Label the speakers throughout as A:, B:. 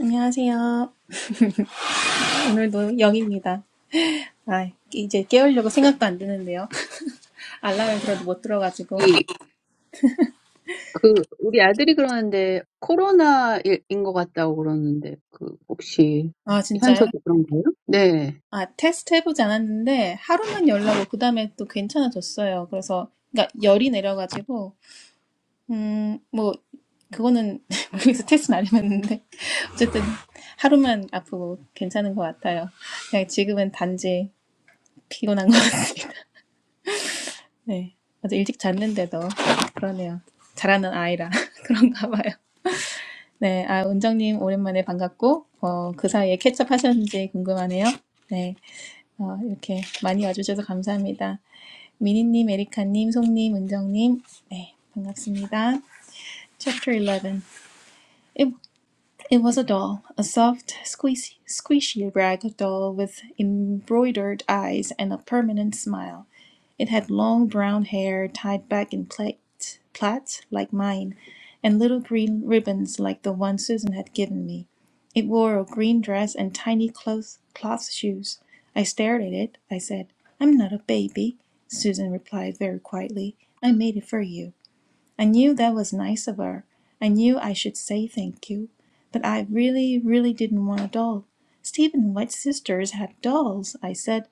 A: 안녕하세요. 오늘도 영입니다. 아, 이제 깨우려고 생각도 안 드는데요. 알람을 들어도 못 들어가지고.
B: 이, 그, 우리 아들이 그러는데, 코로나인 것 같다고 그러는데, 그, 혹시,
A: 아, 진짜요?
B: 현서도 그런가요? 네.
A: 아, 테스트 해보지 않았는데 하루만 열 나고 그 다음에 또 괜찮아졌어요. 그래서 그러니까 열이 내려가지고 음, 뭐 그거는 모르겠어 테스트는 안 해봤는데 어쨌든 하루만 아프고 괜찮은 것 같아요. 그냥 지금은 단지 피곤한 것 같아요. 네. 아주 일찍 잤는데도 그러네요. 잘하는 아이라 그런가 봐요. 네. 아, 은정님 오랜만에 반갑고, 어, 그 사이에 캐첩 하셨는지 궁금하네요. 네. 어, 이렇게 많이 와주셔서 감사합니다. 미니님, 에리카님, 송님, 은정님. 네. 반갑습니다. Chapter 11. It was a doll, a soft, squeezy, squishy rag doll with embroidered eyes and a permanent smile. It had long brown hair tied back in plait, plaits like mine, and little green ribbons like the one Susan had given me. It wore a green dress and tiny cloth, cloth shoes. I stared at it. I said, "I'm not a baby," Susan replied very quietly. "I made it for you." I knew that was nice of her. I knew I should say thank you. But I really, really didn't want a doll. Stephen White's sisters had dolls, I said.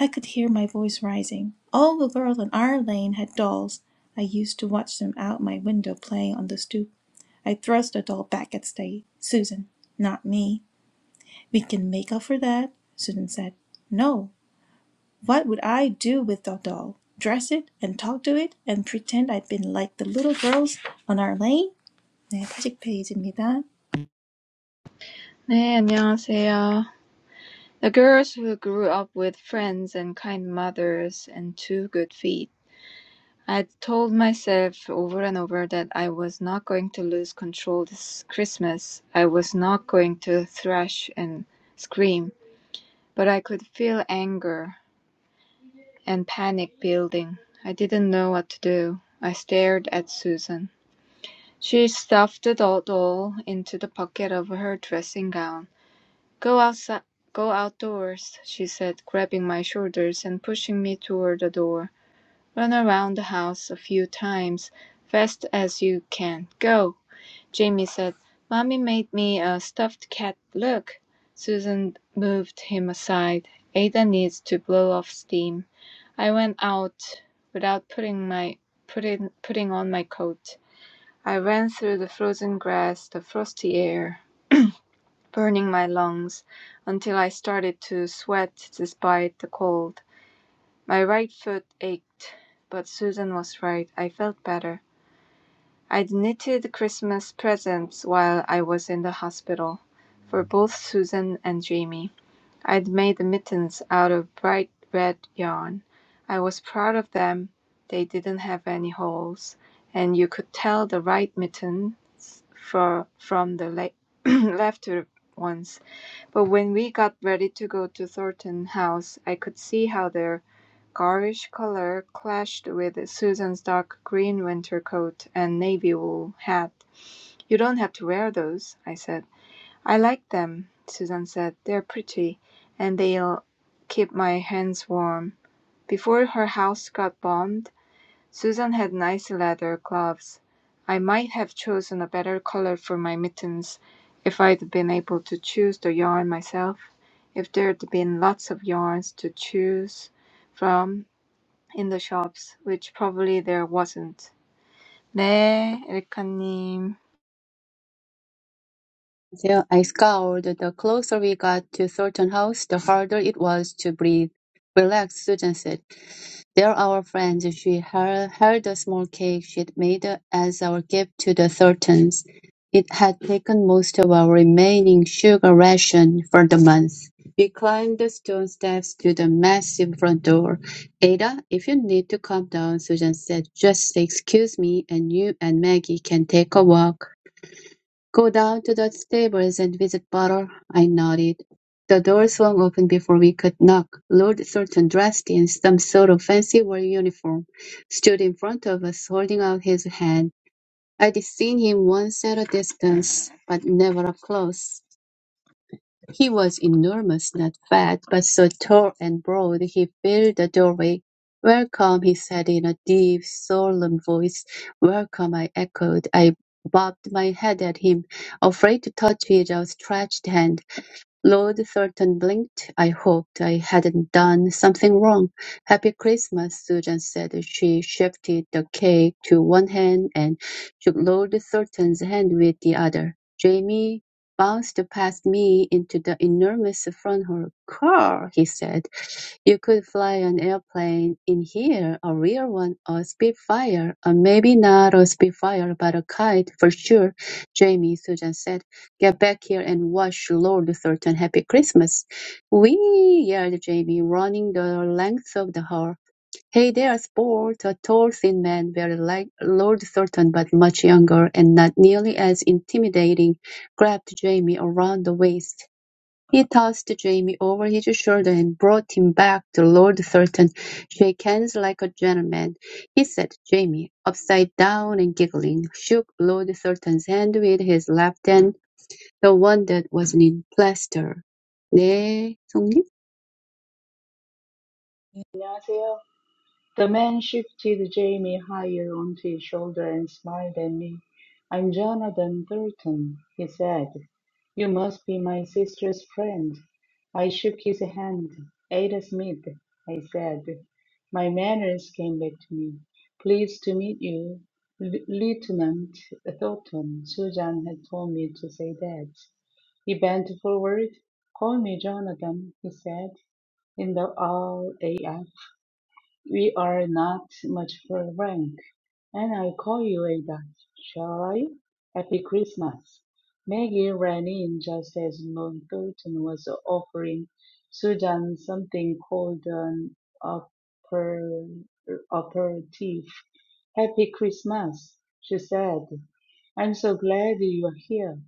A: I could hear my voice rising. All the girls in our lane had dolls. I used to watch them out my window playing on the stoop. I thrust a doll back at Stay. Susan, not me. We can make up for that, Susan said. No. What would I do with a doll? Dress it and talk to it and pretend I'd been like the little girls on our lane? 네, 40페이지입니다.
C: 네, 안녕하세요. The girls who grew up with friends and kind mothers and two good feet. i told myself over and over that I was not going to lose control this Christmas. I was not going to thrash and scream, but I could feel anger and panic building. I didn't know what to do. I stared at Susan. She stuffed the doll into the pocket of her dressing gown. "Go outside, go outdoors," she said, grabbing my shoulders and pushing me toward the door. "Run around the house a few times, fast as you can. Go!" Jamie said, "Mommy made me a stuffed cat. Look!" Susan moved him aside. "Ada needs to blow off steam." I went out without putting putting my putting putting on my coat. I ran through the frozen grass, the frosty air burning my lungs until I started to sweat despite the cold. My right foot ached, but Susan was right. I felt better. I'd knitted Christmas presents while I was in the hospital for both Susan and Jamie. I'd made mittens out of bright red yarn. I was proud of them. They didn't have any holes, and you could tell the right mittens for, from the le- left ones. But when we got ready to go to Thornton House, I could see how their garish color clashed with Susan's dark green winter coat and navy wool hat. "You don't have to wear those," I said. "I like them," Susan said. "They're pretty, and they'll keep my hands warm." Before her house got bombed, Susan had nice leather gloves. I might have chosen a better color for my mittens if I'd been able to choose the yarn myself, if there'd been lots of yarns to choose from in the shops, which probably there wasn't. 네, 엘카님.
B: There I scowled. The closer we got to Thornton House, the harder it was to breathe. Relax, Susan said. They're our friends. She hel- held a small cake she'd made as our gift to the Thorntons. It had taken most of our remaining sugar ration for the month. We climbed the stone steps to the massive front door. Ada, if you need to come down, Susan said, just excuse me and you and Maggie can take a walk. "Go down to the stables and visit Butter," I nodded. The door swung open before we could knock. Lord Thornton, dressed in some sort of fancy war uniform, stood in front of us, holding out his hand. I'd seen him once at a distance, but never up close. He was enormous, not fat, but so tall and broad he filled the doorway. "Welcome," he said in a deep, solemn voice. "Welcome," I echoed. I bobbed my head at him, afraid to touch his outstretched hand. Lord Thornton blinked. I hoped I hadn't done something wrong. Happy Christmas, Susan said. She shifted the cake to one hand and shook Lord Thornton's hand with the other. Jamie bounced past me into the enormous front hall. Car, he said. You could fly an airplane in here, a real one, a Spitfire, or maybe not a Spitfire, but a kite for sure, Jamie, Susan said. Get back here and watch Lord Thornton Happy Christmas. Whee! yelled Jamie, running the length of the hall. Hey there, sport! A tall, thin man, very like Lord Thornton, but much younger and not nearly as intimidating, grabbed Jamie around the waist. He tossed Jamie over his shoulder and brought him back to Lord Thornton. Shake hands like a gentleman, he said. Jamie, upside down and giggling, shook Lord Thornton's hand with his left hand the one that wasn't in plaster. 네, 성님.
D: 안녕하세요. The man shifted Jamie higher onto his shoulder and smiled at me. I'm Jonathan Thornton, he said. You must be my sister's friend. I shook his hand. Ada Smith, I said. My manners came back to me. Pleased to meet you, L- Lieutenant Thornton. Susan had told me to say that. He bent forward. Call me Jonathan, he said, in the RAF. We are not much for rank, and i call you a dot, shall I? Happy Christmas. Maggie ran in just as Northerton was offering Susan something called an upper, aperitif. Happy Christmas, she said. I'm so glad you're here.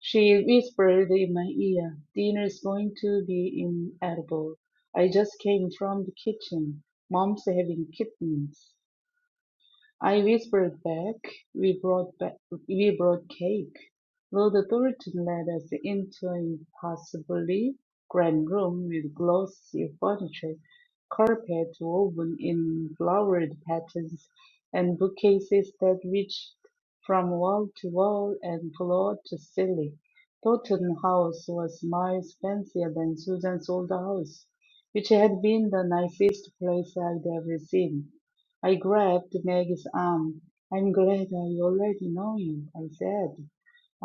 D: She whispered in my ear, dinner's going to be inedible. I just came from the kitchen. Mom's are having kittens I whispered back, "We brought back, we brought cake." Lord Thornton led us into an impossibly grand room with glossy furniture, carpet woven in flowered patterns, and bookcases that reached from wall to wall and floor to ceiling. Thornton House was miles fancier than Susan's old house, which had been the nicest place I'd ever seen. I grabbed Meg's arm. I'm glad I already know you, I said.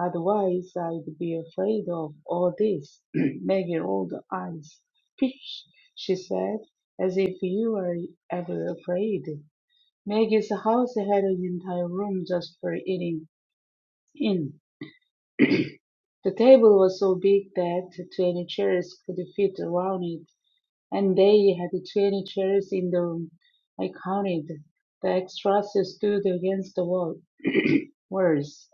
D: Otherwise, I'd be afraid of all this. Meg rolled her eyes. Pish, she said, as if you were ever afraid. Meg's house had an entire room just for eating in. The table was so big that 20 chairs could fit around it, and they had 20 chairs in the room. I counted. The extras stood against the wall. Worse,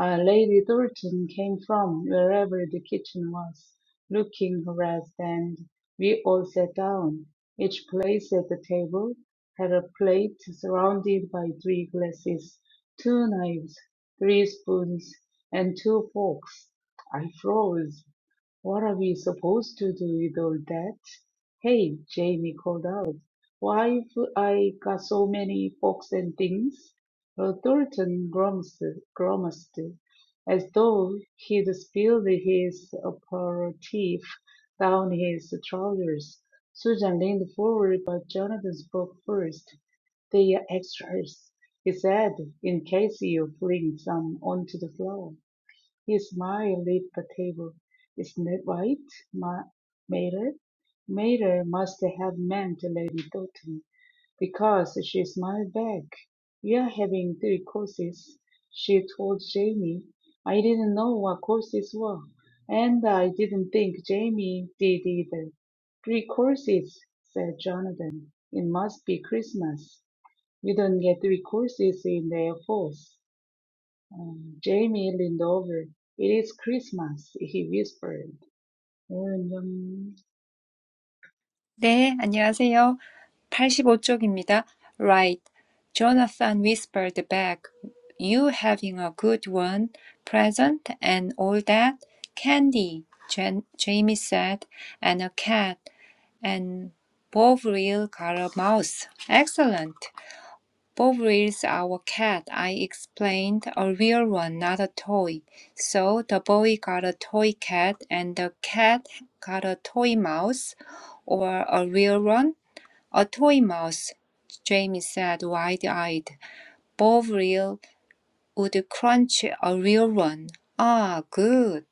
D: uh, Lady Thornton came from wherever the kitchen was, looking harassed, and we all sat down. Each place at the table had a plate surrounded by three glasses, two knives, three spoons, and two forks. I froze. What are we supposed to do with all that? Hey, Jamie called out. Why've I got so many forks and things? Well, Thornton grimaced, grimaced as though he'd spilled his aperitif down his trousers. Susan leaned forward, but Jonathan spoke first. They are extras, he said, in case you fling some onto the floor. He smiled at the table. Snow White, Ma- Mater, Mater must have meant Lady Doughty, because she smiled back. You're having three courses, she told Jamie. I didn't know what courses were, and I didn't think Jamie did either. Three courses, said Jonathan. It must be Christmas. You don't get three courses in the Air Force. Um, Jamie leaned over. It is Christmas, he whispered. And um,
E: "네, 안녕하세요. 팔십오 쪽입니다." "Right," Jonathan whispered back. "You having a good one? Present and all that?" "Candy," Jan- Jamie said, "and a cat, and Bovril got a mouse." "Excellent!" Bovril's our cat," I explained, "a real one, not a toy." So the boy got a toy cat and the cat got a toy mouse, or a real one? A toy mouse, Jamie said, wide-eyed. Bovril would crunch a real one. Ah, good,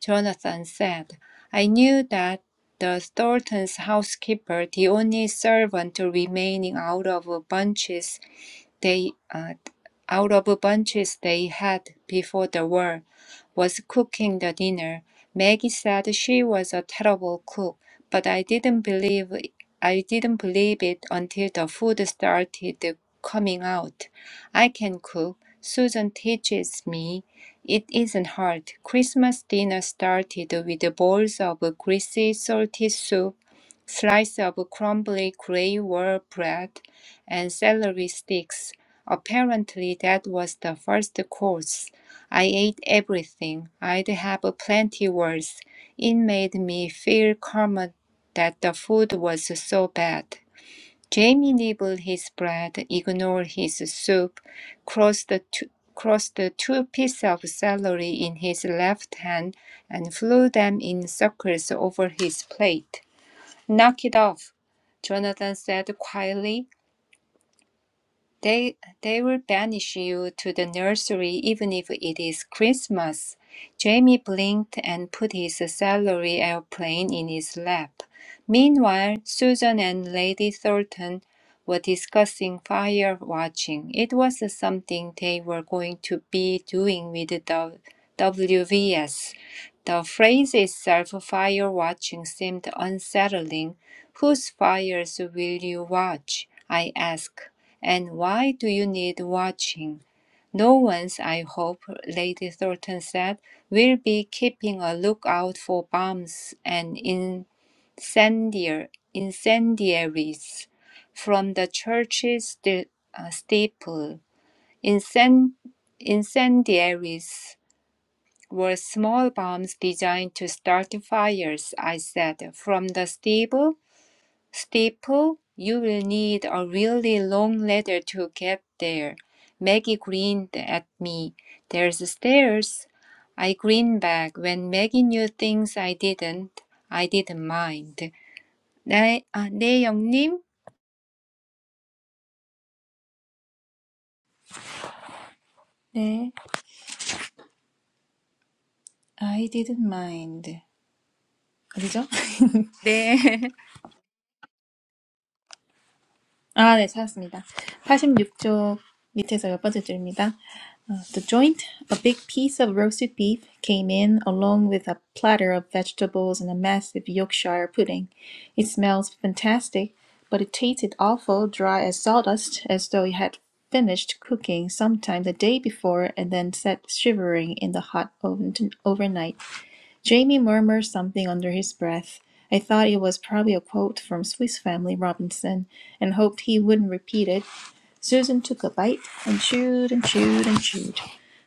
E: Jonathan said. I knew that the Thorntons' housekeeper, the only servant remaining out of Bunches, they uh, out of bunches they had before the war, was cooking the dinner. Maggie said she was a terrible cook, but I didn't believe I didn't believe it until the food started coming out. I can cook. Susan teaches me. It isn't hard. Christmas dinner started with bowls of greasy, salty soup, slice of crumbly gray wall bread, and celery sticks. Apparently, that was the first course. I ate everything. I'd have plenty worse. It made me feel calmer that the food was so bad. Jamie nibbled his bread, ignored his soup, crossed the two, crossed the two pieces of celery in his left hand, and flew them in circles over his plate. Knock it off, Jonathan said quietly. They, they will banish you to the nursery even if it is Christmas. Jamie blinked and put his salary airplane in his lap. Meanwhile, Susan and Lady Thornton were discussing fire watching. It was something they were going to be doing with the WVS. The phrase itself, fire watching, seemed unsettling. Whose fires will you watch? I asked. And why do you need watching? No one's, I hope, Lady Thornton said, will be keeping a lookout for bombs and incendiar- incendiaries from the church's sti- uh, steeple. Incen- incendiaries were small bombs designed to start fires, I said, from the steeple Steeple? You will need a really long ladder to get there. Maggie grinned at me. There's stairs. I grinned back. When Maggie knew things I didn't, I didn't mind. 네, 아, 네, 영님?
A: 네, I didn't mind. 어디죠?
E: 네.
A: 아, 네, 찾았습니다. 86쪽 밑에서 몇 번째 줄입니다. 어, The joint, a big piece of roasted beef, came in along with a platter of vegetables and a massive Yorkshire pudding. It smells fantastic, but it tasted awful dry as sawdust, as though it had finished cooking sometime the day before and then sat shivering in the hot oven overnight. Jamie murmured something under his breath. I thought it was probably a quote from Swiss Family Robinson and hoped he wouldn't repeat it. Susan took a bite and chewed and chewed and chewed.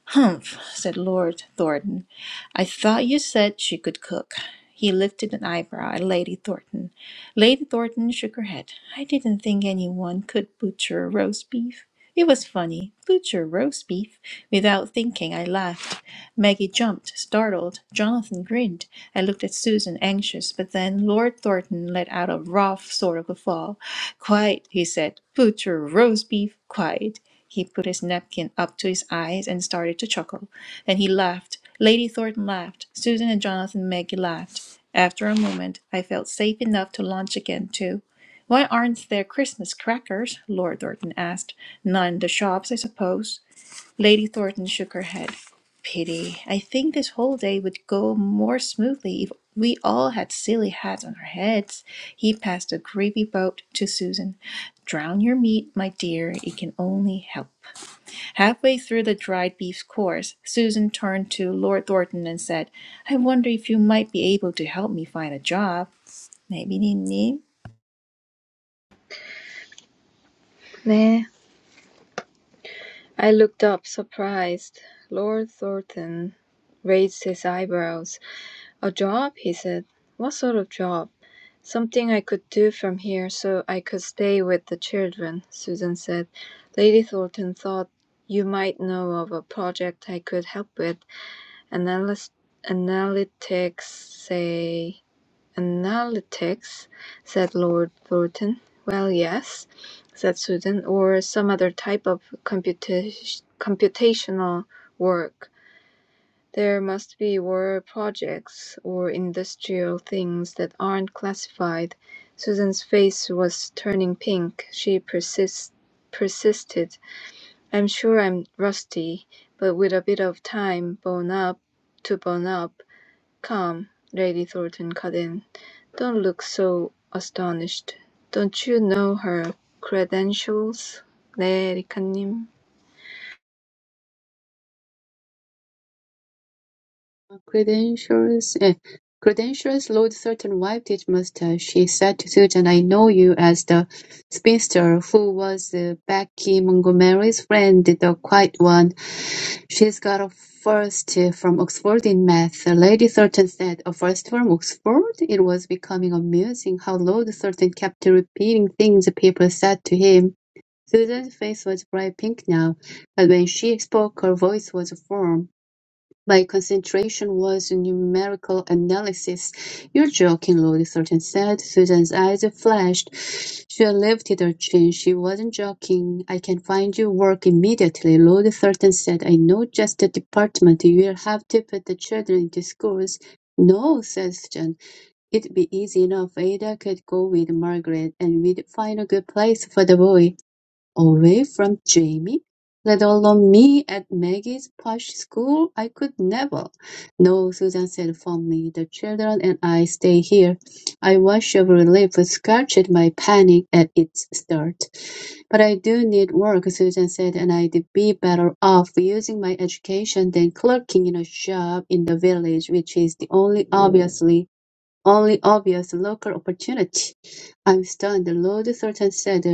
A: Humph, said Lord Thornton. I thought you said she could cook. He lifted an eyebrow at Lady Thornton. Lady Thornton shook her head. I didn't think anyone could butcher roast beef. It was funny. Butcher roast beef. Without thinking, I laughed. Maggie jumped, startled; Jonathan grinned, and looked at Susan, anxious; but then Lord Thornton let out a rough sort of a fall. "Quiet!" he said. "Put your roast beef quiet!" He put his napkin up to his eyes and started to chuckle. Then he laughed. Lady Thornton laughed. Susan and Jonathan and Maggie laughed. After a moment I felt safe enough to launch again too. "Why aren't there Christmas crackers?" Lord Thornton asked. "None in the shops, I suppose?" Lady Thornton shook her head. Pity. I think this whole day would go more smoothly if we all had silly hats on our heads. He passed a gravy boat to Susan. Drown your meat, my dear. It can only help. Halfway through the dried beef course, Susan turned to Lord Thornton and said, I wonder if you might be able to help me find a job. Maybe,
C: 네. I looked up, surprised. Lord Thornton raised his eyebrows. A job, he said. What sort of job? "Something I could do from here so I could stay with the children," Susan said. "Lady Thornton thought you might know of a project I could help with. Analy- Analytics say, "Analytics?" said Lord Thornton. "Well, yes," said Susan, "or some other type of computa computational work. There must be war projects or industrial things that aren't classified." Susan's face was turning pink. She persist- persisted. "I'm sure I'm rusty, but with a bit of time bone up to bone up "Come," Lady Thornton cut in, "don't look so astonished. Don't you know her credentials, 네 리카님?"
B: Credentials, eh, credentials, Lord Thurton wiped his mustache. She said to Susan, I know you as the spinster who was uh, Becky Montgomery's friend, the quiet one. She's got a first uh, from Oxford in math. Lady Thurton said, a first from Oxford? It was becoming amusing how Lord Thurton kept repeating things people said to him. Susan's face was bright pink now, but when she spoke her voice was firm. My concentration was numerical analysis. You're joking, Lord Thornton said. Susan's eyes flashed. She lifted her chin. She wasn't joking. I can find you work immediately, Lord Thornton said. I know just the department. You'll have to put the children into schools. No, said Susan. It'd be easy enough. Ada could go with Margaret, and we'd find a good place for the boy. Away from Jamie, let alone me at Maggie's posh school, I could never. No, Susan said firmly. The children and I stay here. I wash of relief scratched at my panic at its start. But I do need work, Susan said, and I'd be better off using my education than clerking in a shop in the village, which is the only obviously only obvious local opportunity. I'm stunned, Lord Sultan said.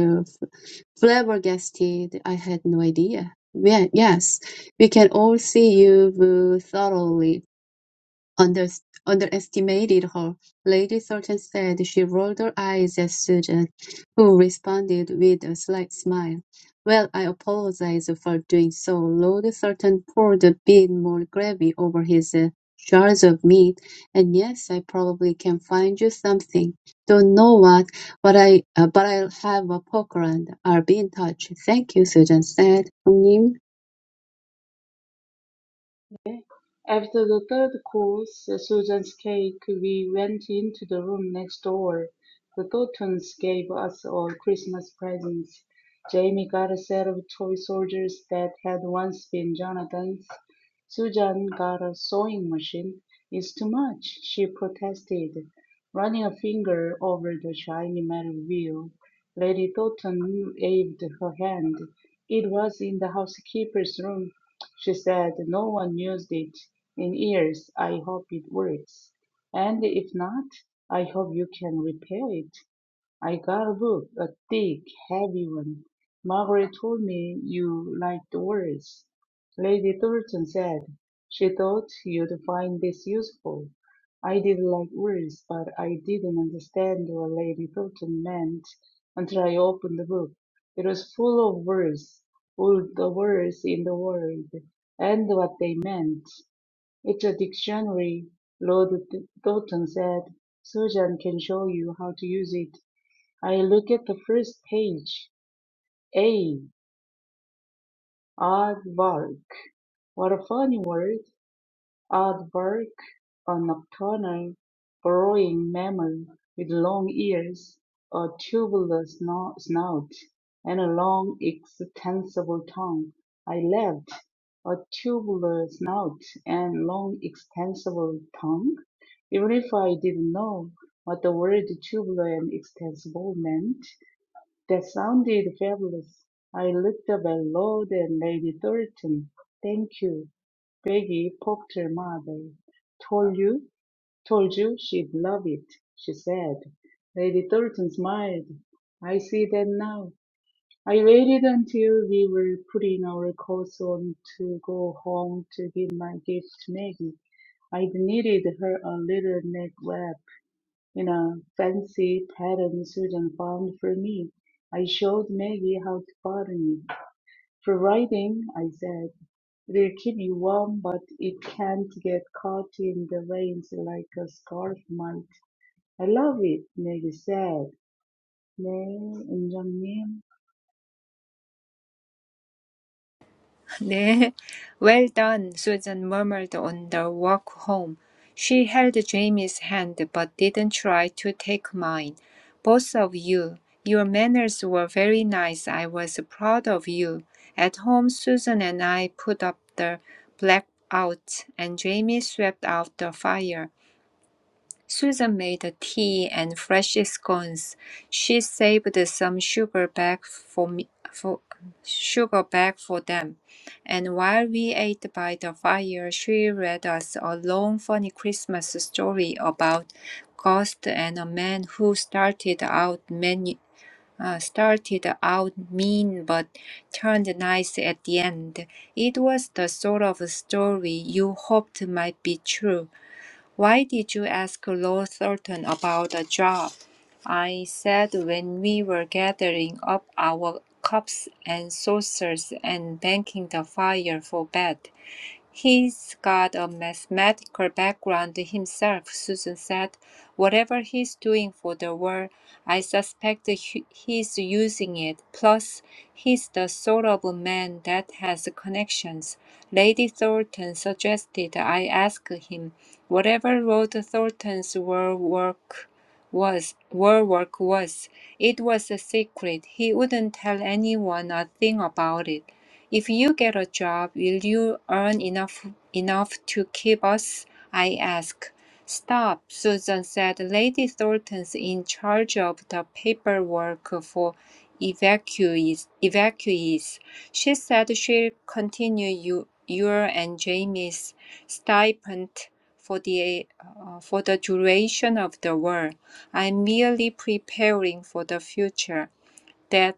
B: Flabbergasted, I had no idea. Yeah, yes, we can all see you've thoroughly under, underestimated her. Lady Thornton said she rolled her eyes at Susan, who responded with a slight smile. Well, I apologize for doing so. Lord Thornton poured a bit more gravy over his uh, shards of meat, and yes, I probably can find you something. Don't know what, but I uh, but I'll have a poke around. I'll be in touch. Thank you, Susan said. 형님,
D: After the third course, Susan's cake, we went into the room next door. The Thorntons gave us all Christmas presents. Jamie got a set of toy soldiers that had once been Jonathan's. Susan got a sewing machine. It's too much, she protested, running a finger over the shiny metal wheel. Lady Thornton waved her hand. It was in the housekeeper's room she said, No one used it in years. I hope it works. And if not, I hope you can repair it. I got a book, a thick, heavy one. Margaret told me you liked words. Lady Thornton said she thought you'd find this useful. I did like words, but I didn't understand what Lady Thornton meant until I opened the book. It was full of words, all the words in the world, and what they meant. It's a dictionary, Lord Thornton said. Susan can show you how to use it. I look at the first page. A. Aardvark. What a funny word. Aardvark. A nocturnal, burrowing mammal with long ears, a tubular sno- snout, and a long, extensible tongue. I laughed. A tubular snout and long, extensible tongue? Even if I didn't know what the word tubular and extensible meant, That sounded fabulous. I looked up at Lord and Lady Thornton. Thank you. Peggy poked her mother. Told you, told you she'd love it, she said. Lady Thornton smiled. I see that now. I waited until we were putting our coats on to go home to give my gift to Maggie. I'd needed her a little neck wrap you know, fancy pattern Susan found for me. I showed Maggie how to button it. For writing, I said, it'll keep you warm, but it can't get caught in the veins like a scarf might. I love it, Maggie said. 네, 은정님.
E: 네. Well done, Susan murmured on the walk home. She held Jamie's hand but didn't try to take mine. Both of you, your manners were very nice. I was proud of you. At home, Susan and I put up the blackout and Jamie swept out the fire. Susan made tea and fresh scones. She saved some sugar back for me, for sugar back for them, and while we ate by the fire, she read us a long, funny Christmas story about ghost and a man who started out many. Uh, started out mean but turned nice at the end. It was the sort of story you hoped might be true. Why did you ask Lord Thornton about the job? I said when we were gathering up our cups and saucers and banking the fire for bed. He's got a mathematical background himself, Susan said. Whatever he's doing for the world, I suspect he- he's using it. Plus, he's the sort of man that has connections. Lady Thornton suggested I ask him Whatever Lord Thornton's war work was, war work was, it was a secret. He wouldn't tell anyone a thing about it. If you get a job, will you earn enough enough to keep us? I asked. Stop, Susan said. Lady Thornton's in charge of the paperwork for evacuees. evacuees. She said she'll continue you, your and Jamie's stipend for the uh, for the duration of the war. I'm merely preparing for the future that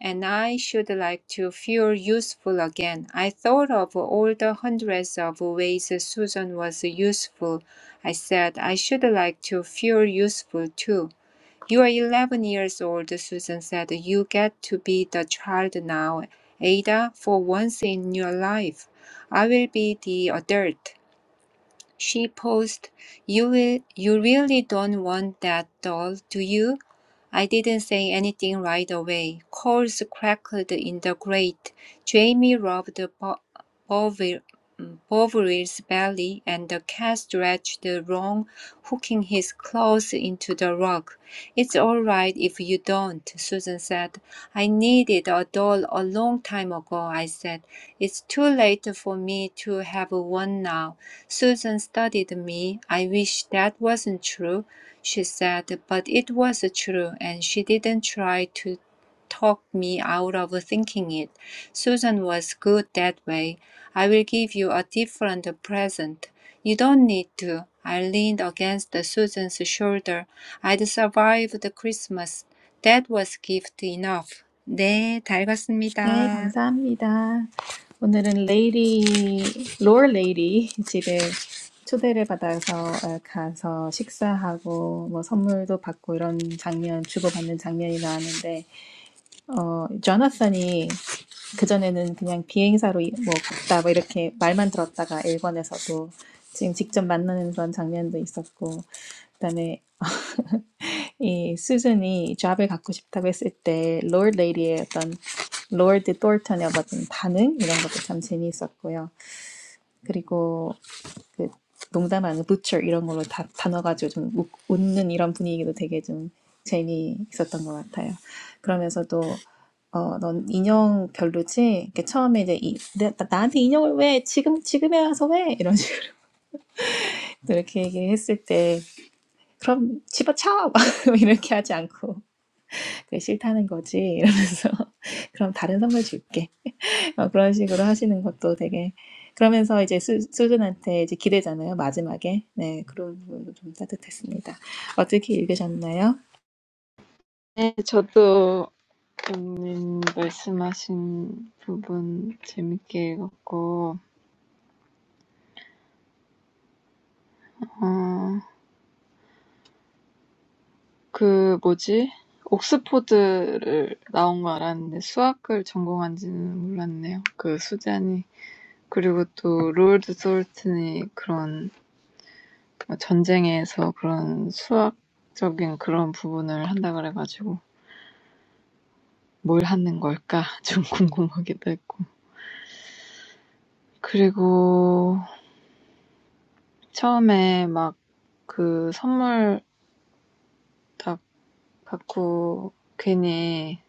E: and I should like to feel useful again. I thought of all the hundreds of ways Susan was useful. I said, I should like to feel useful too. You are 11 years old, Susan said. You get to be the child now, Ada, for once in your life. I will be the adult. She paused. You will, you really don't want that doll, do you? I didn't say anything right away. Coals crackled in the grate. Jamie rubbed Bo- Bovil- Bovrill's belly, and the cat stretched wrong, hooking his claws into the rug. It's all right if you don't, Susan said. I needed a doll a long time ago, I said. It's too late for me to have one now. Susan studied me. I wish that wasn't true, she said, but it was true, and she didn't try to talk me out of thinking it. Susan was good that way. I will give you a different present. You don't need to. I leaned against Susan's shoulder. I'd survived the Christmas. That was gift enough. 네, 잘
A: 네,
E: 갔습니다.
A: 감사합니다. 오늘은 레이디, 롤 레이디 집에 초대를 받아서 어, 가서 식사하고 뭐 선물도 받고 이런 장면, 주고받는 장면이 나왔는데, 어, 조나산이 그전에는 그냥 비행사로 뭐 갔다 뭐 이렇게 말만 들었다가 일본에서도 지금 직접 만나는 그런 장면도 있었고, 그다음에 이 수준이 잡을 갖고 싶다고 했을 때 Lord Lady의 어떤 Lord Thornton의 어떤 반응 이런 것도 참 재미있었고요. 그리고 그 농담하는 butcher 이런 걸로 다 단어 가지고 좀 웃, 웃는 이런 분위기도 되게 좀 재미있었던 것 같아요. 그러면서도 어, 넌 인형 별로지? 이렇게 처음에 이제 이, 나- 나한테 인형을 왜 지금 지금에 와서 왜 이런 식으로 이렇게 얘기했을 때 그럼 집어쳐 이렇게 하지 않고 그게 싫다는 거지 이러면서 그럼 다른 선물 줄게 어, 그런 식으로 하시는 것도 되게 그러면서 이제 수, 수준한테 이제 기대잖아요 마지막에 네 그런 부분도 좀 따뜻했습니다 어떻게 읽으셨나요?
C: "네, 저도 교수님 말씀하신 부분 재밌게 읽었고, 어, 그 뭐지? 옥스포드를 나온 거 알았는데 수학을 전공한 지는 몰랐네요. 그 수잔이. 그리고 또 롤드 솔튼이 그런 뭐 전쟁에서 그런 수학적인 그런 부분을 한다 그래가지고 뭘 하는 걸까 좀 궁금하기도 했고. 그리고 처음에 막 그 선물 다 갖고 괜히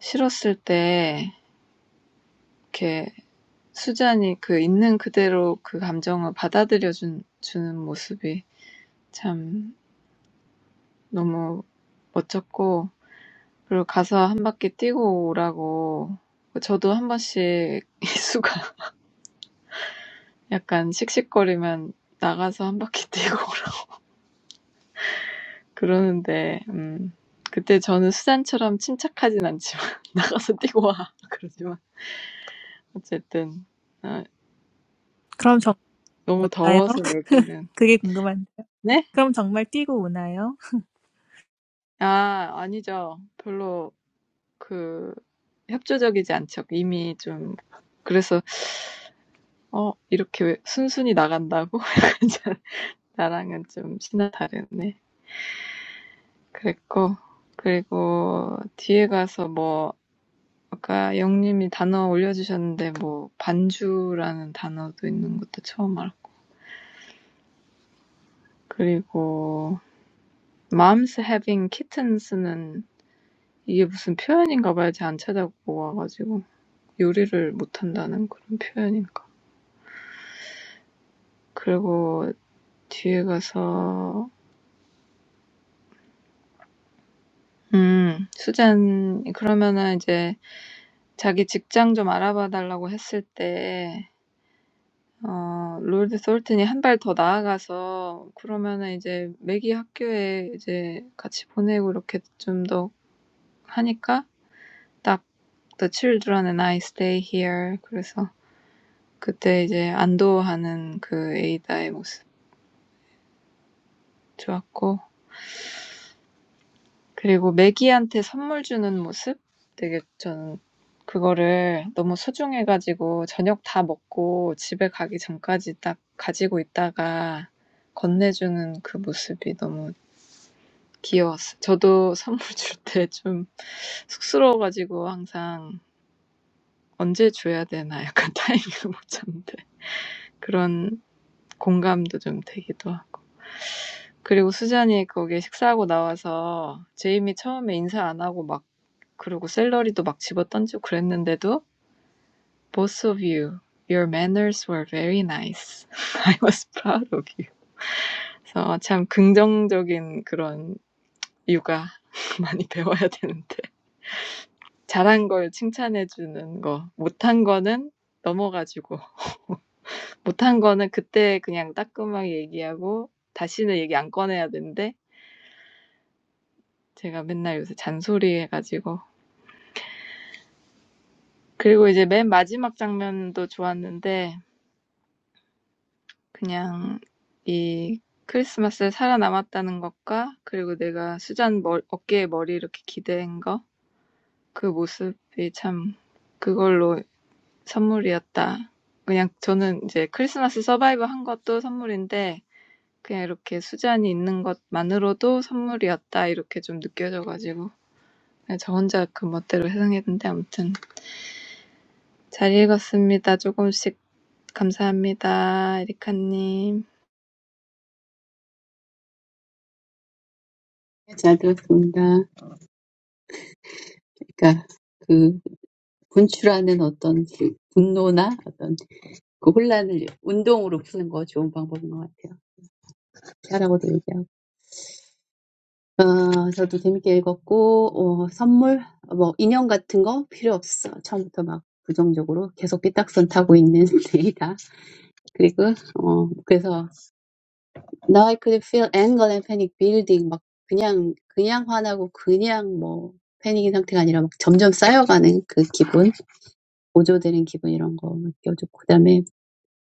C: 싫었을 때 이렇게 수잔이 그 있는 그대로 그 감정을 받아들여 준, 주는 모습이 참 너무 멋졌고 그리고 가서 한 바퀴 뛰고 오라고 저도 한 번씩 이수가 약간 씩씩거리면 나가서 한 바퀴 뛰고 그러는데 음 그때 저는 수잔처럼 침착하진 않지만 나가서 뛰고 와 그러지만 어쨌든 아,
A: 그럼 정말
C: 너무
A: 오나요?
C: 더워서 여기는
A: 그게 궁금한데요
C: 네?
A: 그럼 정말 뛰고 오나요?
C: 아 아니죠. 별로 그 협조적이지 않죠. 이미 좀 그래서 '어 이렇게 왜 순순히 나간다고?' 나랑은 좀신나 다르네. 그랬고 그리고 뒤에 가서 뭐 아까 영님이 단어 올려주셨는데 뭐 반주라는 단어도 있는 것도 처음 알았고 그리고 Mom's having kittens는 이게 무슨 표현인가 봐요. 제가 안 찾아보고 와 가지고. 요리를 못한다는 그런 표현인가. 그리고 뒤에 가서 음, 수잔 그러면은 이제 자기 직장 좀 알아봐 달라고 했을 때 어, 롤드 솔튼이 한 발 더 나아가서 그러면은 이제 맥이 학교에 이제 같이 보내고 이렇게 좀 더 하니까 딱 The children and I stay here. 그래서 그때 이제 안도하는 그 에이다의 모습 좋았고 그리고 매기한테 선물 주는 모습? 되게 저는 그거를 너무 소중해 가지고 저녁 다 먹고 집에 가기 전까지 딱 가지고 있다가 건네주는 그 모습이 너무 귀여웠어요. 저도 선물 줄 때좀 쑥스러워 가지고 항상 '언제 줘야 되나?' 약간 타이밍을 못 잡는데 그런 공감도 좀 되기도 하고. 그리고 수잔이 거기 식사하고 나와서 제이미 처음에 인사 안 하고 막 그리고 샐러리도 막 집어던지고 그랬는데도 both of you, your manners were very nice. I was proud of you. 그래서 참 긍정적인 그런 육아 많이 배워야 되는데 잘한 걸 칭찬해주는 거, 못한 거는 넘어가지고 못한 거는 그때 그냥 따끔하게 얘기하고 다시는 얘기 안 꺼내야 되는데 제가 맨날 요새 잔소리 해가지고 그리고 이제 맨 마지막 장면도 좋았는데 그냥 이 크리스마스에 살아남았다는 것과 그리고 내가 수잔 머리, 어깨에 머리 이렇게 기댄 거, 그 모습이 참 그걸로 선물이었다. 그냥 저는 이제 크리스마스 서바이브 한 것도 선물인데 그냥 이렇게 수잔이 있는 것만으로도 선물이었다 이렇게 좀 느껴져가지고 그냥 저 혼자 그 멋대로 해석했는데 아무튼 잘 읽었습니다. 조금씩 감사합니다. 에리카님.
B: 잘 들었습니다. 그러니까 그 분출하는 어떤 그 분노나 어떤 그 혼란을 운동으로 푸는 거 좋은 방법인 것 같아요. 잘하고도 얘기하고. 어, 저도 재밌게 읽었고, 어, 선물, 뭐, 인형 같은 거 필요 없어. 처음부터 막 부정적으로 계속 삐딱선 타고 있는 데이다. 그리고, 어, 그래서, now I could feel anger and panic building. 막, 그냥, 그냥 화나고, 그냥 뭐, 패닉인 상태가 아니라 막 점점 쌓여가는 그 기분, 보조되는 기분 이런 거 느껴졌고, 그 다음에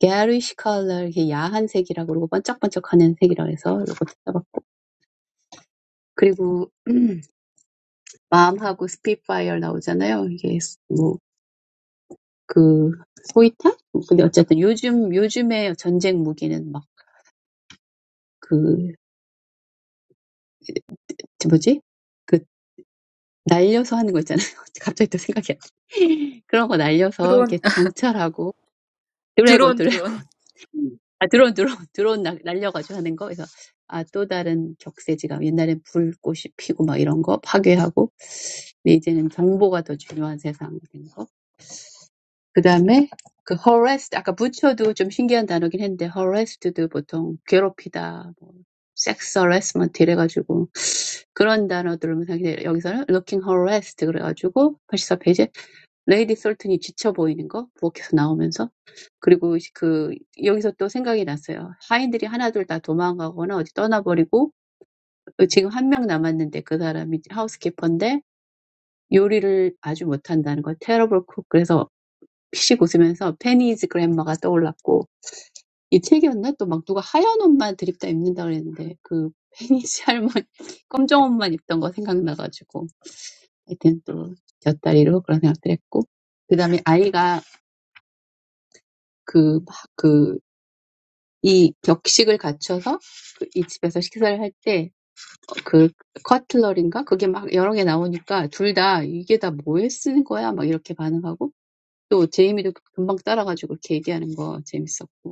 B: garish color 이렇게 야한 색이라고 그러고 반짝반짝하는 색이라고 해서 요것도 써봤고 그리고 음, 마음하고 스피파이어 나오잖아요. 이게 뭐 그 소이탄? 근데 어쨌든 요즘 요즘의 전쟁 무기는 막 그 뭐지? 그 날려서 하는 거 있잖아요. 갑자기 또 생각이 안 나. 그런 거 날려서 이렇게 정찰하고 드래곤
E: 드론, 드론.
B: 드래곤 아 드론 드론 드론 날- 날려가지고 하는 거 그래서 아 또 다른 격세지감 옛날엔 불꽃이 피고 막 이런 거 파괴하고 근데 이제는 정보가 더 중요한 세상이 된 거. 그 다음에 그 harassed 아까 부처도 좀 신기한 단어긴 했는데 harassed도 보통 괴롭히다, 뭐 sex harassment 이래가지고 그런 단어들은 사실 여기서는 looking harassed 그래가지고 84페이지에 레이디 솔튼이 지쳐 보이는 거 부엌에서 나오면서 그리고 그 여기서 또 생각이 났어요. 하인들이 하나둘 다 도망가거나 어디 떠나버리고 지금 한 명 남았는데 그 사람이 하우스키퍼인데 요리를 아주 못한다는 거 terrible cook 그래서 피식 웃으면서 페니즈 그랜마가 떠올랐고 이 책이었나? 또막 누가 하얀 옷만 드립다 입는다 그랬는데 그 페니즈 할머니 검정 옷만 입던 거 생각나가지고 하여튼 또 곁다리로 그런 생각도 했고 그다음에 아이가 그막그이 격식을 갖춰서 그이 집에서 식사를 할 때 그 커틀러리인가 그게 막 여러 개 나오니까 둘 다 이게 다 뭐에 쓰는 거야 막 이렇게 반응하고 또 제이미도 금방 따라가지고 그렇게 얘기하는 거 재밌었고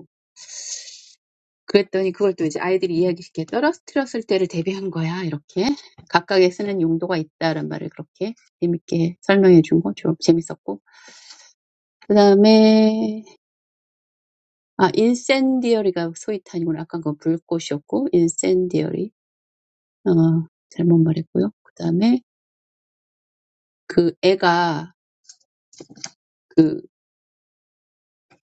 B: 그랬더니 그걸 또 이제 아이들이 이야기시키게 떨어뜨렸을 때를 대비한 거야. 이렇게 각각의 쓰는 용도가 있다라는 말을 그렇게 재밌게 설명해 준 거 좀 재밌었고. 그다음에 아 인센디어리가 소위 탄이구나. 아까 그 불꽃이었고 인센디어리. 어 잘못 말했고요. 그다음에 그 애가 그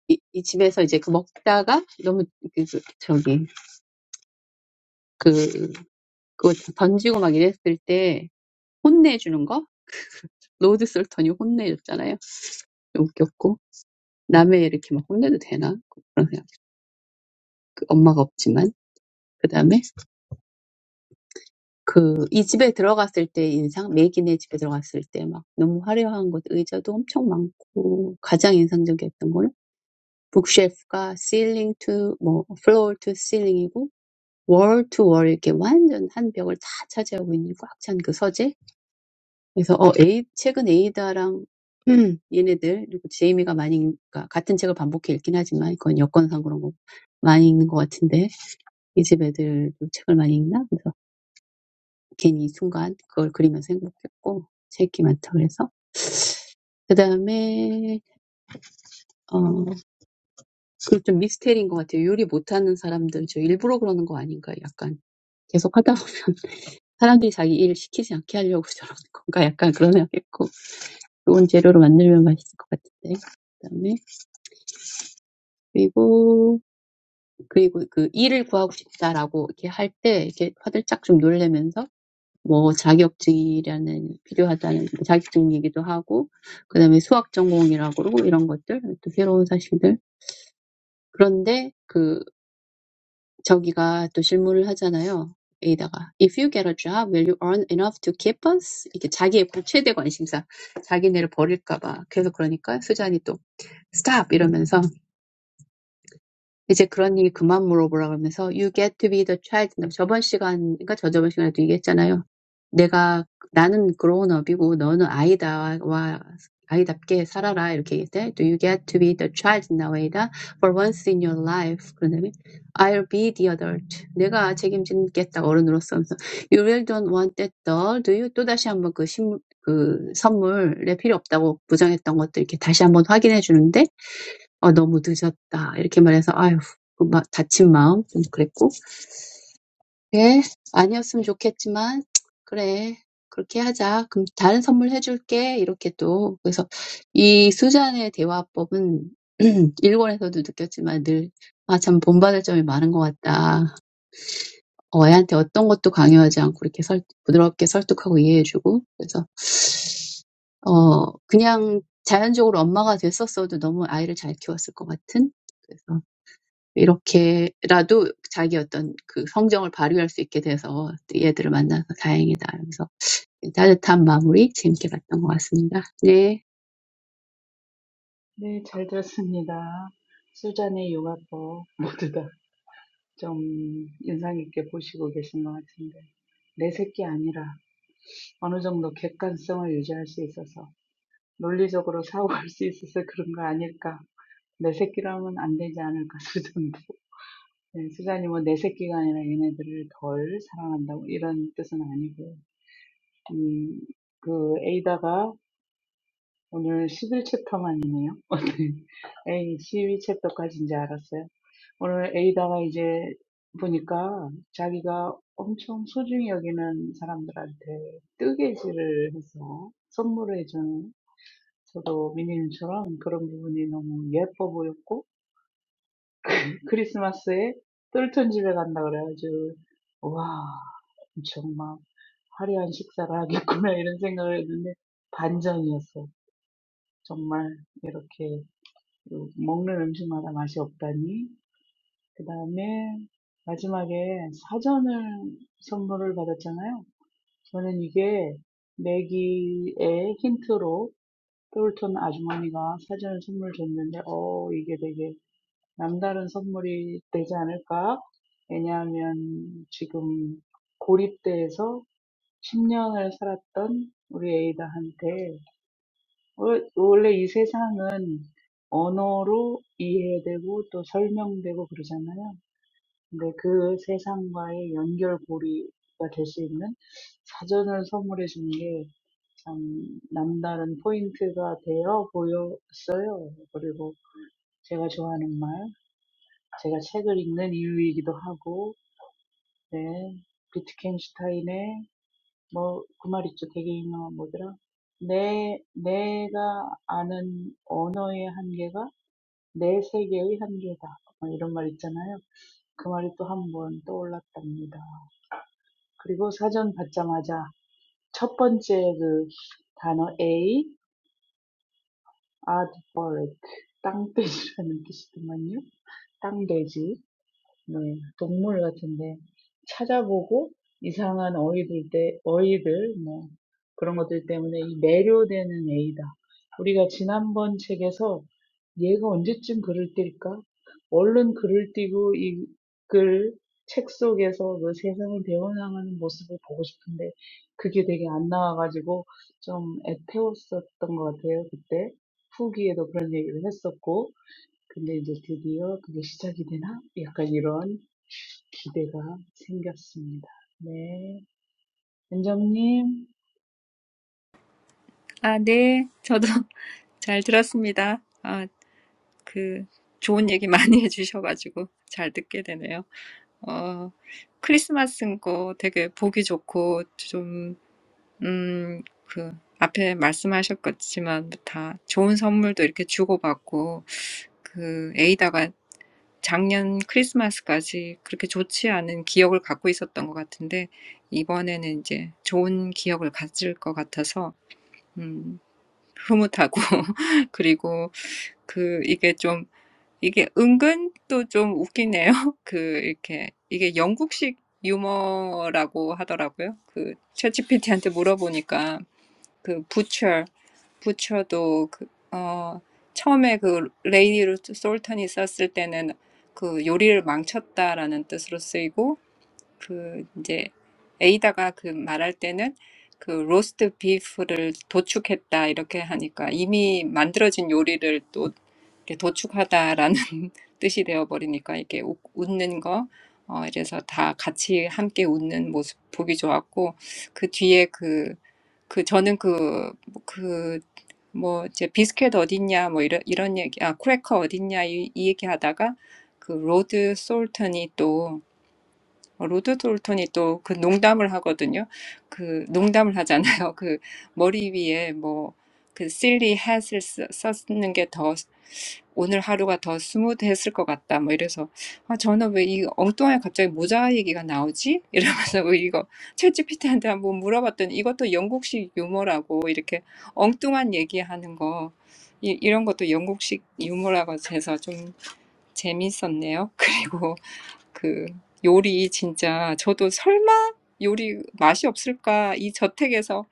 B: 이, 이 집에서 이제 그 먹다가 너무 그, 그 저기 그 그거 던지고 막 이랬을 때 혼내주는 거 로드 솔턴이 혼내줬잖아요. 좀 웃겼고 남의 이렇게 막 혼내도 되나? 그런 생각. 그 엄마가 없지만. 그 다음에 그, 이 집에 들어갔을 때 인상, 매기네 집에 들어갔을 때 막 너무 화려한 곳, 의자도 엄청 많고, 가장 인상적이었던 거는 북쉘프가 ceiling to, 뭐, floor to ceiling이고, wall to wall 이렇게 완전 한 벽을 다 차지하고 있는 꽉 찬 그 서재. 그래서, 어, 에이, 최근 에이다랑 얘네들, 그리고 제이미가 많이, 읽- 그러니까 같은 책을 반복해 읽긴 하지만, 그건 여건상 그런 거 많이 읽는 것 같은데, 이 집 애들도 책을 많이 읽나? 그래서 괜히 순간 그걸 그리면서 행복했고 책이 많다 그래서 그다음에 어그 좀 미스테리인 것 같아요. 요리 못하는 사람들 저 일부러 그러는 거 아닌가 약간 계속 하다 보면 사람들이 자기 일 시키지 않게 하려고 저러는 건가 약간 그런 생각했고 좋은 재료로 만들면 맛있을 것 같은데 그다음에 그리고 그리고 그 일을 구하고 싶다라고 이렇게 할때 이렇게 화들짝 좀 놀래면서 뭐 자격증이라는 필요하다는 자격증 얘기도 하고 그다음에 수학 전공이라고 그러고 이런 것들 또 새로운 사실들 그런데 그 저기가 또 질문을 하잖아요 A다가 If you get a job, will you earn enough to keep us? 이게 자기의 최대 관심사 자기네를 버릴까 봐 계속 그러니까 수잔이 또 Stop 이러면서 이제 그런 일 그만 물어보라 그러면서 You get to be the child. 그러니까 저번 시간, 과 저저번 시간에도 얘기했잖아요. 내가 나는 grown-up이고 너는 아이다와 아이답게 살아라 이렇게 얘기할 때 Do you get to be the child in a way that for once in your life? 그런 다음에 I'll be the adult. 내가 책임지겠다 어른으로서 하면서 You really don't want that doll, do you? 또 다시 한번 그, 신, 그 선물에 필요 없다고 부정했던 것들 이렇게 다시 한번 확인해 주는데 어, 너무 늦었다. 이렇게 말해서, 아휴, 그 마, 다친 마음 좀 그랬고. 예, 아니었으면 좋겠지만, 그래, 그렇게 하자. 그럼 다른 선물 해줄게. 이렇게 또. 그래서 이 수잔의 대화법은 일본에서도 느꼈지만 늘, 아, 참 본받을 점이 많은 것 같다. 어, 애한테 어떤 것도 강요하지 않고 이렇게 설, 부드럽게 설득하고 이해해주고. 그래서, 어, 그냥 자연적으로 엄마가 됐었어도 너무 아이를 잘 키웠을 것 같은. 그래서 이렇게라도 자기 어떤 그 성정을 발휘할 수 있게 돼서 얘들을 만나서 다행이다. 그래서 따뜻한 마무리 재밌게 봤던 것 같습니다. 네.
D: 네, 잘 들었습니다. 수잔의 요가법 모두 다좀 인상 깊게 보시고 계신 것 같은데. 내 새끼 아니라 어느 정도 객관성을 유지할 수 있어서 논리적으로 사고할 수 있어서 그런 거 아닐까. 내 새끼라면 안 되지 않을까, 수잔도. 네, 수잔이 뭐내 새끼가 아니라 얘네들을 덜 사랑한다고 이런 뜻은 아니고요. 음, 그 에이다가 오늘 11챕터만이네요. 에이, 12챕터까지인 줄 알았어요. 오늘 에이다가 이제 보니까 자기가 엄청 소중히 여기는 사람들한테 뜨개질을 해서 선물을 해주는 저도 미니님처럼 그런 부분이 너무 예뻐 보였고 크리스마스에 똘톤 집에 간다 그래가지고 와 정말 화려한 식사를 하겠구나 이런 생각을 했는데 반전이었어. 정말 이렇게 먹는 음식마다 맛이 없다니. 그 다음에 마지막에 사전을 선물을 받았잖아요. 저는 이게 내기의 힌트로 똘톤 아주머니가 사전을 선물 줬는데 어 이게 되게 남다른 선물이 되지 않을까? 왜냐하면 지금 고립돼서 10년을 살았던 우리 에이다한테 월- 원래 이 세상은 언어로 이해되고 또 설명되고 그러잖아요. 근데 그 세상과의 연결고리가 될수 있는 사전을 선물해 준 게 참 남다른 포인트가 되어 보였어요. 그리고 제가 좋아하는 말. 제가 책을 읽는 이유이기도 하고, 네. 비트겐슈타인의 뭐, 그 말 있죠. 되게 유명한 뭐더라. 내, 내가 아는 언어의 한계가 내 세계의 한계다. 뭐 이런 말 있잖아요. 그 말이 또 한번 떠올랐답니다. 그리고 사전 받자마자 첫 번째 그 단어 A, aardvark, 땅돼지라는 뜻이더만요. 땅돼지. 네, 동물 같은데 찾아보고 이상한 어이들 때 어이들 뭐 그런 것들 때문에 이 매료되는 애이다. 우리가 지난번 책에서 얘가 언제쯤 글을 띨까? 얼른 글을 띄고 이 글 책 속에서 그 세상을 대원하는 모습을 보고 싶은데 그게 되게 안 나와가지고 좀 애태웠었던 것 같아요. 그때 후기에도 그런 얘기를 했었고 근데 이제 드디어 그게 시작이 되나? 약간 이런 기대가 생겼습니다. 네. 은정님.
E: 아, 네. 저도 잘 들었습니다. 아, 그 좋은 얘기 많이 해주셔가지고 잘 듣게 되네요. 어, 크리스마스인 거 되게 보기 좋고 좀, 음, 그 앞에 말씀하셨겠지만 다 좋은 선물도 이렇게 주고받고 그 에이다가 작년 크리스마스까지 그렇게 좋지 않은 기억을 갖고 있었던 것 같은데 이번에는 이제 좋은 기억을 가질 것 같아서 음, 흐뭇하고 그리고 그 이게 좀 이게 은근 또 좀 웃기네요. 그, 이렇게, 이게 영국식 유머라고 하더라고요. 그, 챗GPT한테 물어보니까, 그, 부처, 부처도 그, 어, 처음에 그, 레이디 루트 솔턴이 썼을 때는 그 요리를 망쳤다라는 뜻으로 쓰이고, 그 이제 에이다가 그 말할 때는 그 로스트 비프를 도축했다 이렇게 하니까 이미 만들어진 요리를 또 이렇게 도축하다라는 뜻이 되어버리니까 이렇게 웃- 웃는 거 어, 이래서 다 같이 함께 웃는 모습 보기 좋았고 그 뒤에 그, 그 저는 그, 그, 뭐 이제 비스켓 어딨냐 뭐 이런, 이런 얘기 아 크래커 어딨냐 이, 이 얘기 하다가 그 로드 솔턴이 어, 로드 돌턴이 또그 농담을 하거든요. 그 농담을 하잖아요. 그 머리 위에 뭐그 silly has을 쓰- 썼는 게더 오늘 하루가 더 스무드했을 것 같다. 뭐 이래서 아 저는 왜 이 엉뚱하게 갑자기 모자 얘기가 나오지? 이러면서 왜 이거 챗GPT한테 한번 물어봤더니 이것도 영국식 유머라고 이렇게 엉뚱한 얘기하는 거 이, 이런 것도 영국식 유머라고 해서 좀 재밌었네요. 그리고 그 요리 진짜 저도 설마 요리 맛이 없을까? 이 저택에서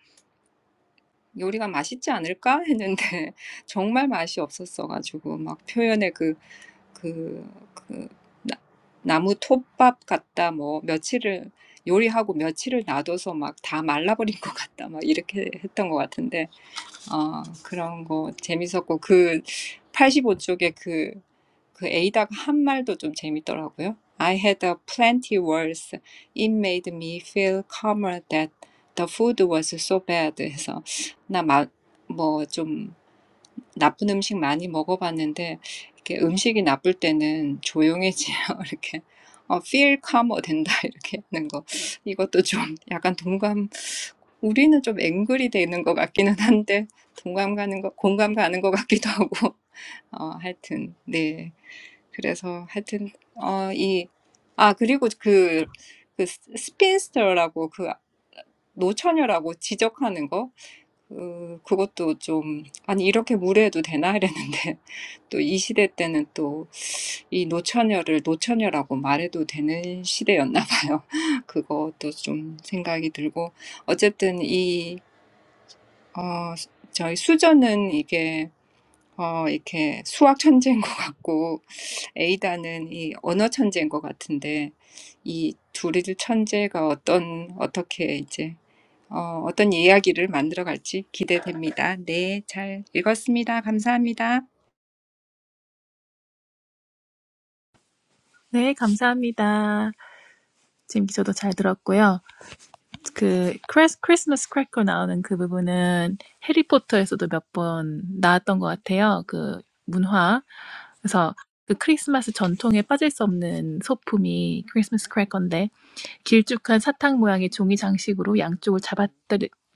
E: 요리가 맛있지 않을까? 했는데 정말 맛이 없었어가지고 막 표현에 그, 그, 그 나, 나무 톱밥 같다 뭐 며칠을 요리하고 며칠을 놔둬서 막 다 말라버린 것 같다 막 이렇게 했던 것 같은데 아 그런 거 재밌었고 그85 쪽에 그 그 에이다가 한 말도 좀 재밌더라고요. I had a plenty worse. It made me feel calmer that the food was so bad. 해서 나뭐좀 나쁜 음식 많이 먹어봤는데 이렇게 음식이 나쁠 때는 조용해지요. 이렇게 어, feel calmer 된다 이렇게 하는 거. 이것도 좀 약간 동감. 우리는 좀 앵글이 되는 것 같기는 한데 동감 가는 거, 공감 가는 것 같기도 하고. 어, 하여튼 네. 그래서 하여튼 어, 이, 아, 그리고 그, 그 스- 스핀스터라고 그 노처녀라고 지적하는 거, 그, 그것도 좀, 아니, 이렇게 무례해도 되나? 이랬는데, 또 이 시대 때는 또 이 노처녀를 노처녀라고 말해도 되는 시대였나 봐요. 그것도 좀 생각이 들고, 어쨌든 이, 어, 저희 수저는 이게, 어, 이렇게 수학 천재인 것 같고, 에이다는 이 언어 천재인 것 같은데 이 둘이 천재가 어떤 어떻게 이제 어, 어떤 이야기를 만들어갈지 기대됩니다. 네, 잘 읽었습니다. 감사합니다.
A: 네 감사합니다 지금 저도 잘 들었고요 그 크레스, 크리스마스 크래커 나오는 그 부분은 해리포터에서도 몇 번 나왔던 것 같아요. 그 문화. 그래서 그 크리스마스 전통에 빠질 수 없는 소품이 크리스마스 크래커인데 길쭉한 사탕 모양의 종이 장식으로 양쪽을 잡아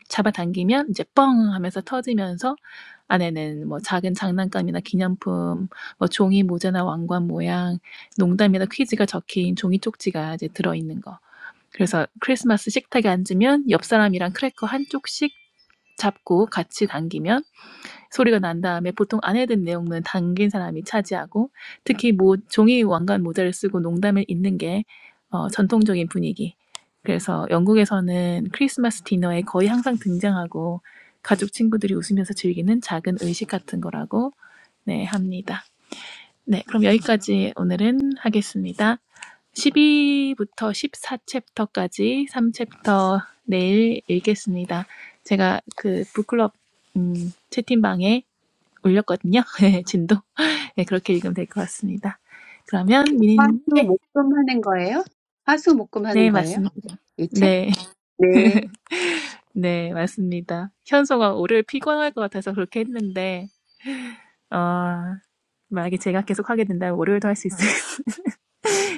A: 잡아당기면 이제 뻥 하면서 터지면서 안에는 뭐 작은 장난감이나 기념품, 뭐 종이 모자나 왕관 모양, 농담이나 퀴즈가 적힌 종이 쪽지가 이제 들어있는 거. 그래서 크리스마스 식탁에 앉으면 옆 사람이랑 크래커 한쪽씩 잡고 같이 당기면 소리가 난 다음에 보통 안 해든 내용은 당긴 사람이 차지하고 특히 뭐 종이 왕관 모자를 쓰고 농담을 잇는 게 어, 전통적인 분위기. 그래서 영국에서는 크리스마스 디너에 거의 항상 등장하고 가족 친구들이 웃으면서 즐기는 작은 의식 같은 거라고 네, 합니다. 네, 그럼 여기까지 오늘은 하겠습니다. 12부터 14챕터까지 3챕터 내일 읽겠습니다. 제가 그 북클럽 음, 채팅방에 올렸거든요. 진도. 네, 그렇게 읽으면 될 것 같습니다. 그러면
B: 화수
A: 미니님, 네,
B: 목금 하는 거예요? 화수 목금 하는
A: 네,
B: 거예요?
A: 맞습니다.
B: 이 책?
A: 네,
B: 네.
A: 네, 맞습니다. 현서가 월요일 피곤할 것 같아서 그렇게 했는데, 어, 만약에 제가 계속 하게 된다면 월요일도 할 수 있어요.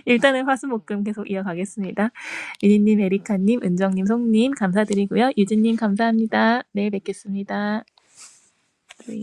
A: 일단은 화수목금 계속 이어가겠습니다. 유니님, 에리카님, 은정님, 송님 감사드리고요. 유진님 감사합니다. 내일 뵙겠습니다. 네.